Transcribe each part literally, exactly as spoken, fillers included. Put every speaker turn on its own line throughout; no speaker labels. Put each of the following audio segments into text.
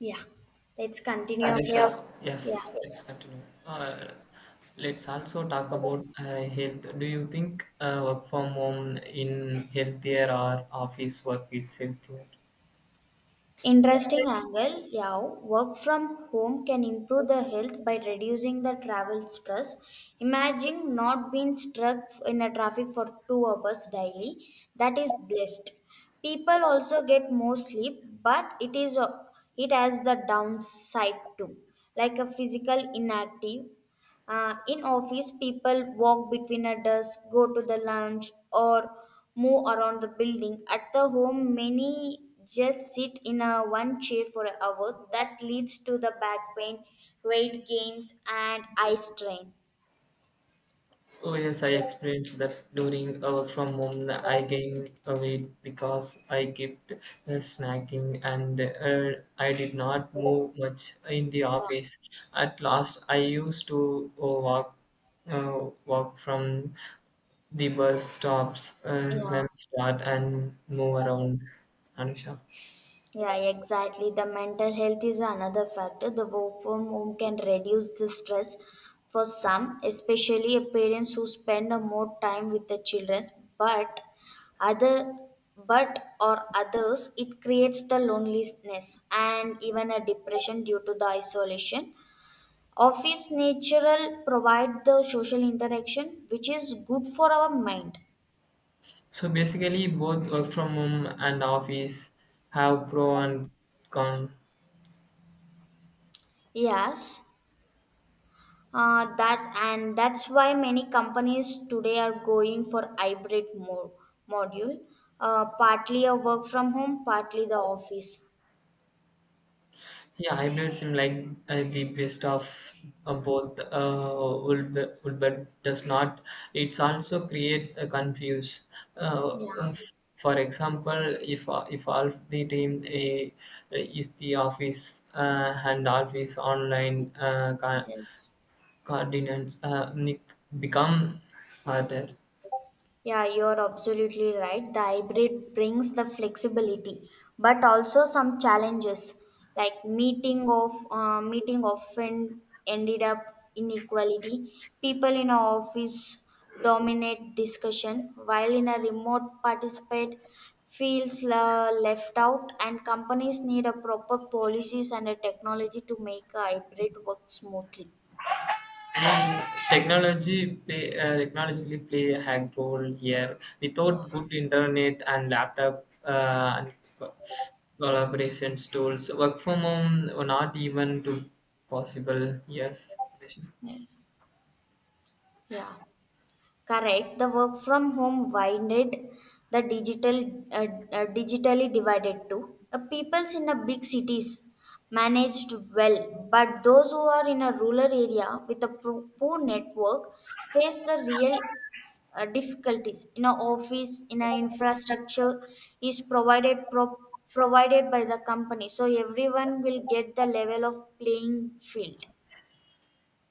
Yeah, let's
And
continue.
yeah, sure. Yeah.
Yeah,
Yes, let's continue. Uh, let's also talk about uh, health. Do you think uh, work from home in healthier or office work is healthier?
interesting angle. Yeah, work from home can improve the health by reducing the travel stress. Imagine not being stuck in a traffic for two hours daily. That is blessed. People also get more sleep, but it is uh, it has the downside too, like a physical inactive. Uh, in office, people walk between a desk, go to the lounge, or move around the building. At the home, many just sit in a one chair for an hour. That leads to the back pain, weight gains, and eye strain.
Oh yes, I experienced that during uh, work from home. I gained a weight because I kept uh, snacking and uh, I did not move much in the
Yeah,
office. At last, I used to uh, walk uh, walk from the bus stops, uh,
yeah.
then start and move around. Anusha.
Yeah, exactly. The mental health is another factor. The work from home can reduce the stress for some, especially a parents who spend a more time with the children, but other but or others it creates the loneliness and even a depression due to the isolation. Office natural provide the social interaction which is good for our mind.
So basically, both work from home and office have pro and con.
Yes. Uh, that and that's why many companies today are going for hybrid mo- module, uh, partly a work from home, partly the office.
Yeah, hybrid seem like uh, the best of uh, both. Uh, will be, will but does not. It's also create a confuse. Uh,
Yeah.
f- for example, if uh, if all the team uh, is the office uh, and office online uh, con-
Yes.
coordinates uh, nic- become harder.
Yeah, you're absolutely right. The hybrid brings the flexibility, but also some challenges like meeting of uh, meeting often ended up inequality. People in a office dominate discussion, while in a remote participate feels la left out. And companies need a proper policies and a technology to make a hybrid work smoothly.
And technology play, uh, technologically play a high role here.
Yeah.
Without good internet and laptop uh, and co- collaborations tools, work from home were not even to possible. Yes.
Yes. Yeah. Correct. The work from home widened the digital uh, uh, digitally divided too. Uh, peoples in the big cities managed well, but those who are in a rural area with a pro- poor network face the real uh, difficulties. In a office, in a infrastructure is provided pro- provided by the company, so everyone will get the level of playing field.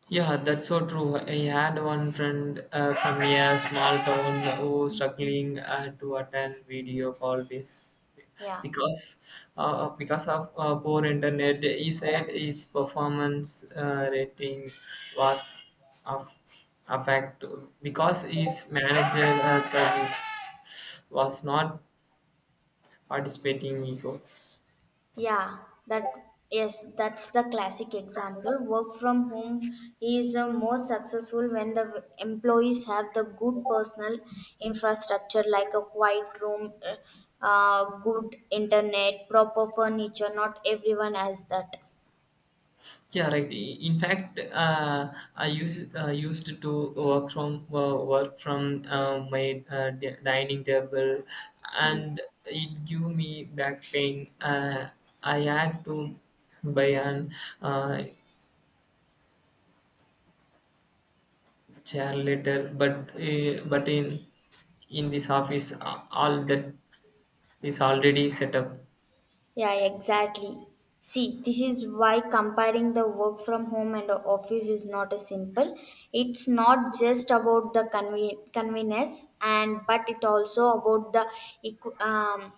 Yeah, that's so true. I had one friend uh, from a small town who struggling uh, to attend video call this
Yeah.
because uh, because of uh, poor internet. He said his performance uh, rating was of affect because his manager uh, was not participating. Ego.
Yeah, that yes, that's the classic example. Work from home is uh, more successful when the employees have the good personal infrastructure like a quiet room, uh, uh, good internet, proper furniture. Not everyone has that.
Yeah, right. I- In fact, uh, I used uh, used to work from uh, work from uh, my uh, di- dining table, and it gave me back pain. Uh, I had to buy an uh, chair later, but uh, but in in this office, uh, all that is already set up.
Yeah, exactly. See, this is why comparing the work from home and office is not a simple. It's not just about the conven- convenience, and but it also about the equ- um,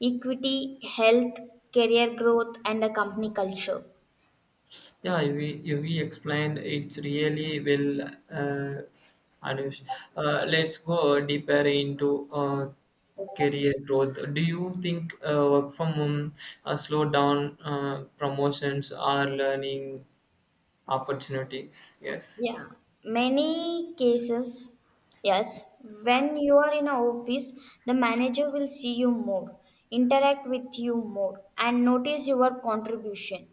equity, health, career growth, and the company culture.
Yeah, we you we explained it's really well uh, Anush. Uh, let's go deeper into uh, career growth. Do you think uh, work from home uh, slow down uh, promotions or learning opportunities? Yes.
Yeah. Many cases, yes, when you are in an office, the manager will see you more, interact with you more, and notice your contribution.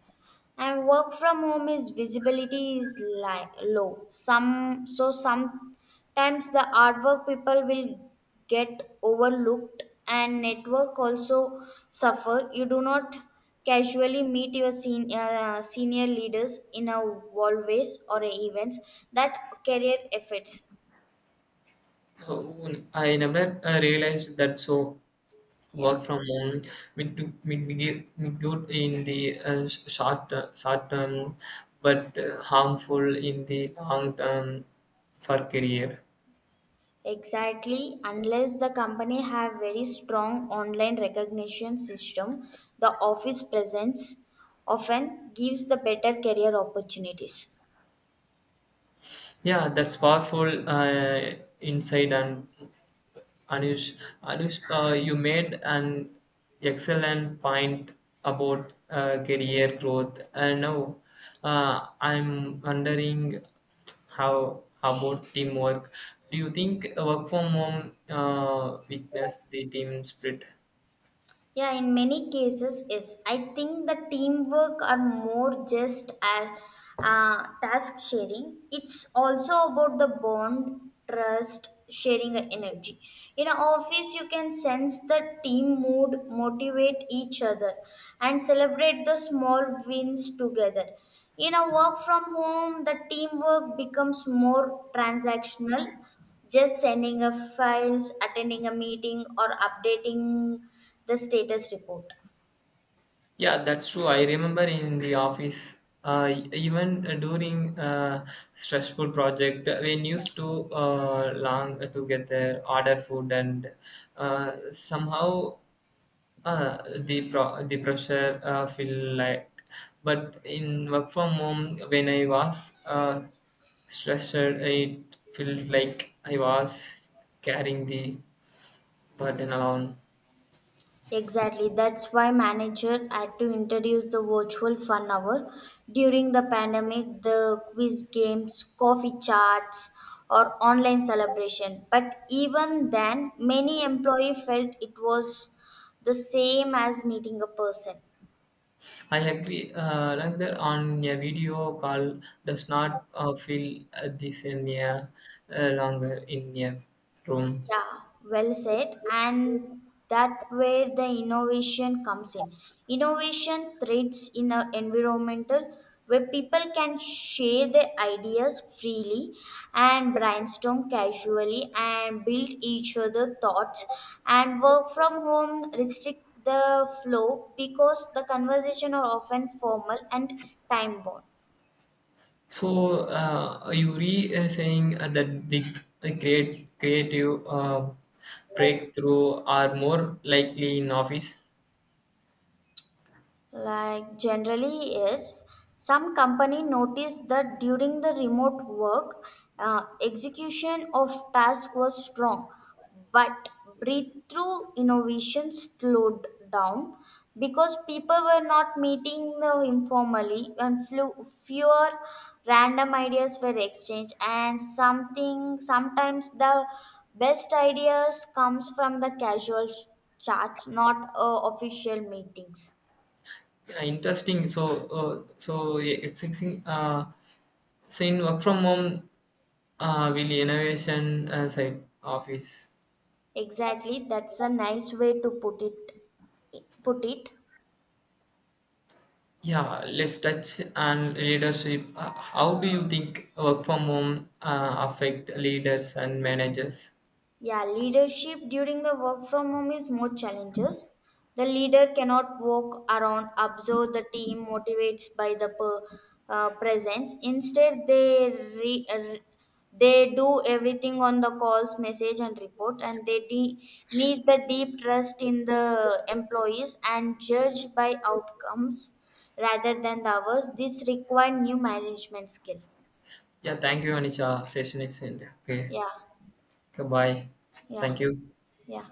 And work from home is visibility is li- low some so sometimes the artwork people will get overlooked and network also suffer you do not casually meet your senior, uh, senior leaders in a hallways or a events that career affects.
Uh, I never uh, realized that so
Yeah.
work from home with mitiga- good in the uh, s- short uh, short term but uh, harmful in the long term for career.
Exactly, unless the company have very strong online recognition system, the office presence often gives the better career opportunities.
Yeah, that's powerful uh, insight and Anush, Anush, uh, you made an excellent point about uh, career growth. And now, uh, I'm wondering how about teamwork? Do you think work from home uh, weakness the team spirit?
Yeah, in many cases, yes. I think the teamwork are more just as uh, task sharing. It's also about the bond, trust, sharing the energy. In an office, you can sense the team mood, motivate each other, and celebrate the small wins together. In a work from home, the teamwork becomes more transactional just sending a files, attending a meeting, or updating the status report.
Yeah, that's true. I remember in the office, uh, even during uh, stressful project, we used to uh, long together, order food, and uh, somehow Uh, the pro- the pressure uh, feel like, but in work from home when I was uh, stressed, it felt like I was carrying the burden alone.
Exactly. That's why manager had to introduce the virtual fun hour during the pandemic, the quiz games, coffee chats, or online celebration. But even then, many employee felt it was the same as meeting a person.
I agree. Uh, like that on a video call does not uh, feel uh, the same, yeah, uh, longer in a room.
Yeah, well said. And that where the innovation comes in. Innovation thrives in an environmental where people can share their ideas freely and brainstorm casually and build each other thoughts and work from home restrict the flow because the conversation are often formal and time bound.
So uh, Yuri is saying uh, that the the create creative uh, breakthrough are more likely in office.
Like generally, is, some company noticed that during the remote work, uh, execution of task was strong, but breakthrough innovation slowed down because people were not meeting the informally and flew, fewer random ideas were exchanged and something sometimes the best ideas comes from the casual chats not uh, official meetings.
Yeah, interesting. So uh, so yeah, it's exi- uh, saying work from home uh, will innovation uh, side office.
Exactly, that's a nice way to put it. Put it,
Yeah, let's touch on leadership. Uh, how do you think work from home uh, affect leaders and managers?
yeah. Leadership during the work from home is more challenges. The leader cannot walk around, observe the team, motivates by the per, uh, presence. Instead, they re, uh, they do everything on the calls, message, and report, and they de- need the deep trust in the employees and judge by outcomes rather than the hours. This require new management skill.
Yeah, thank you, Anisha. Session is ended. Okay,
Yeah,
goodbye.
yeah,
Thank you.
yeah.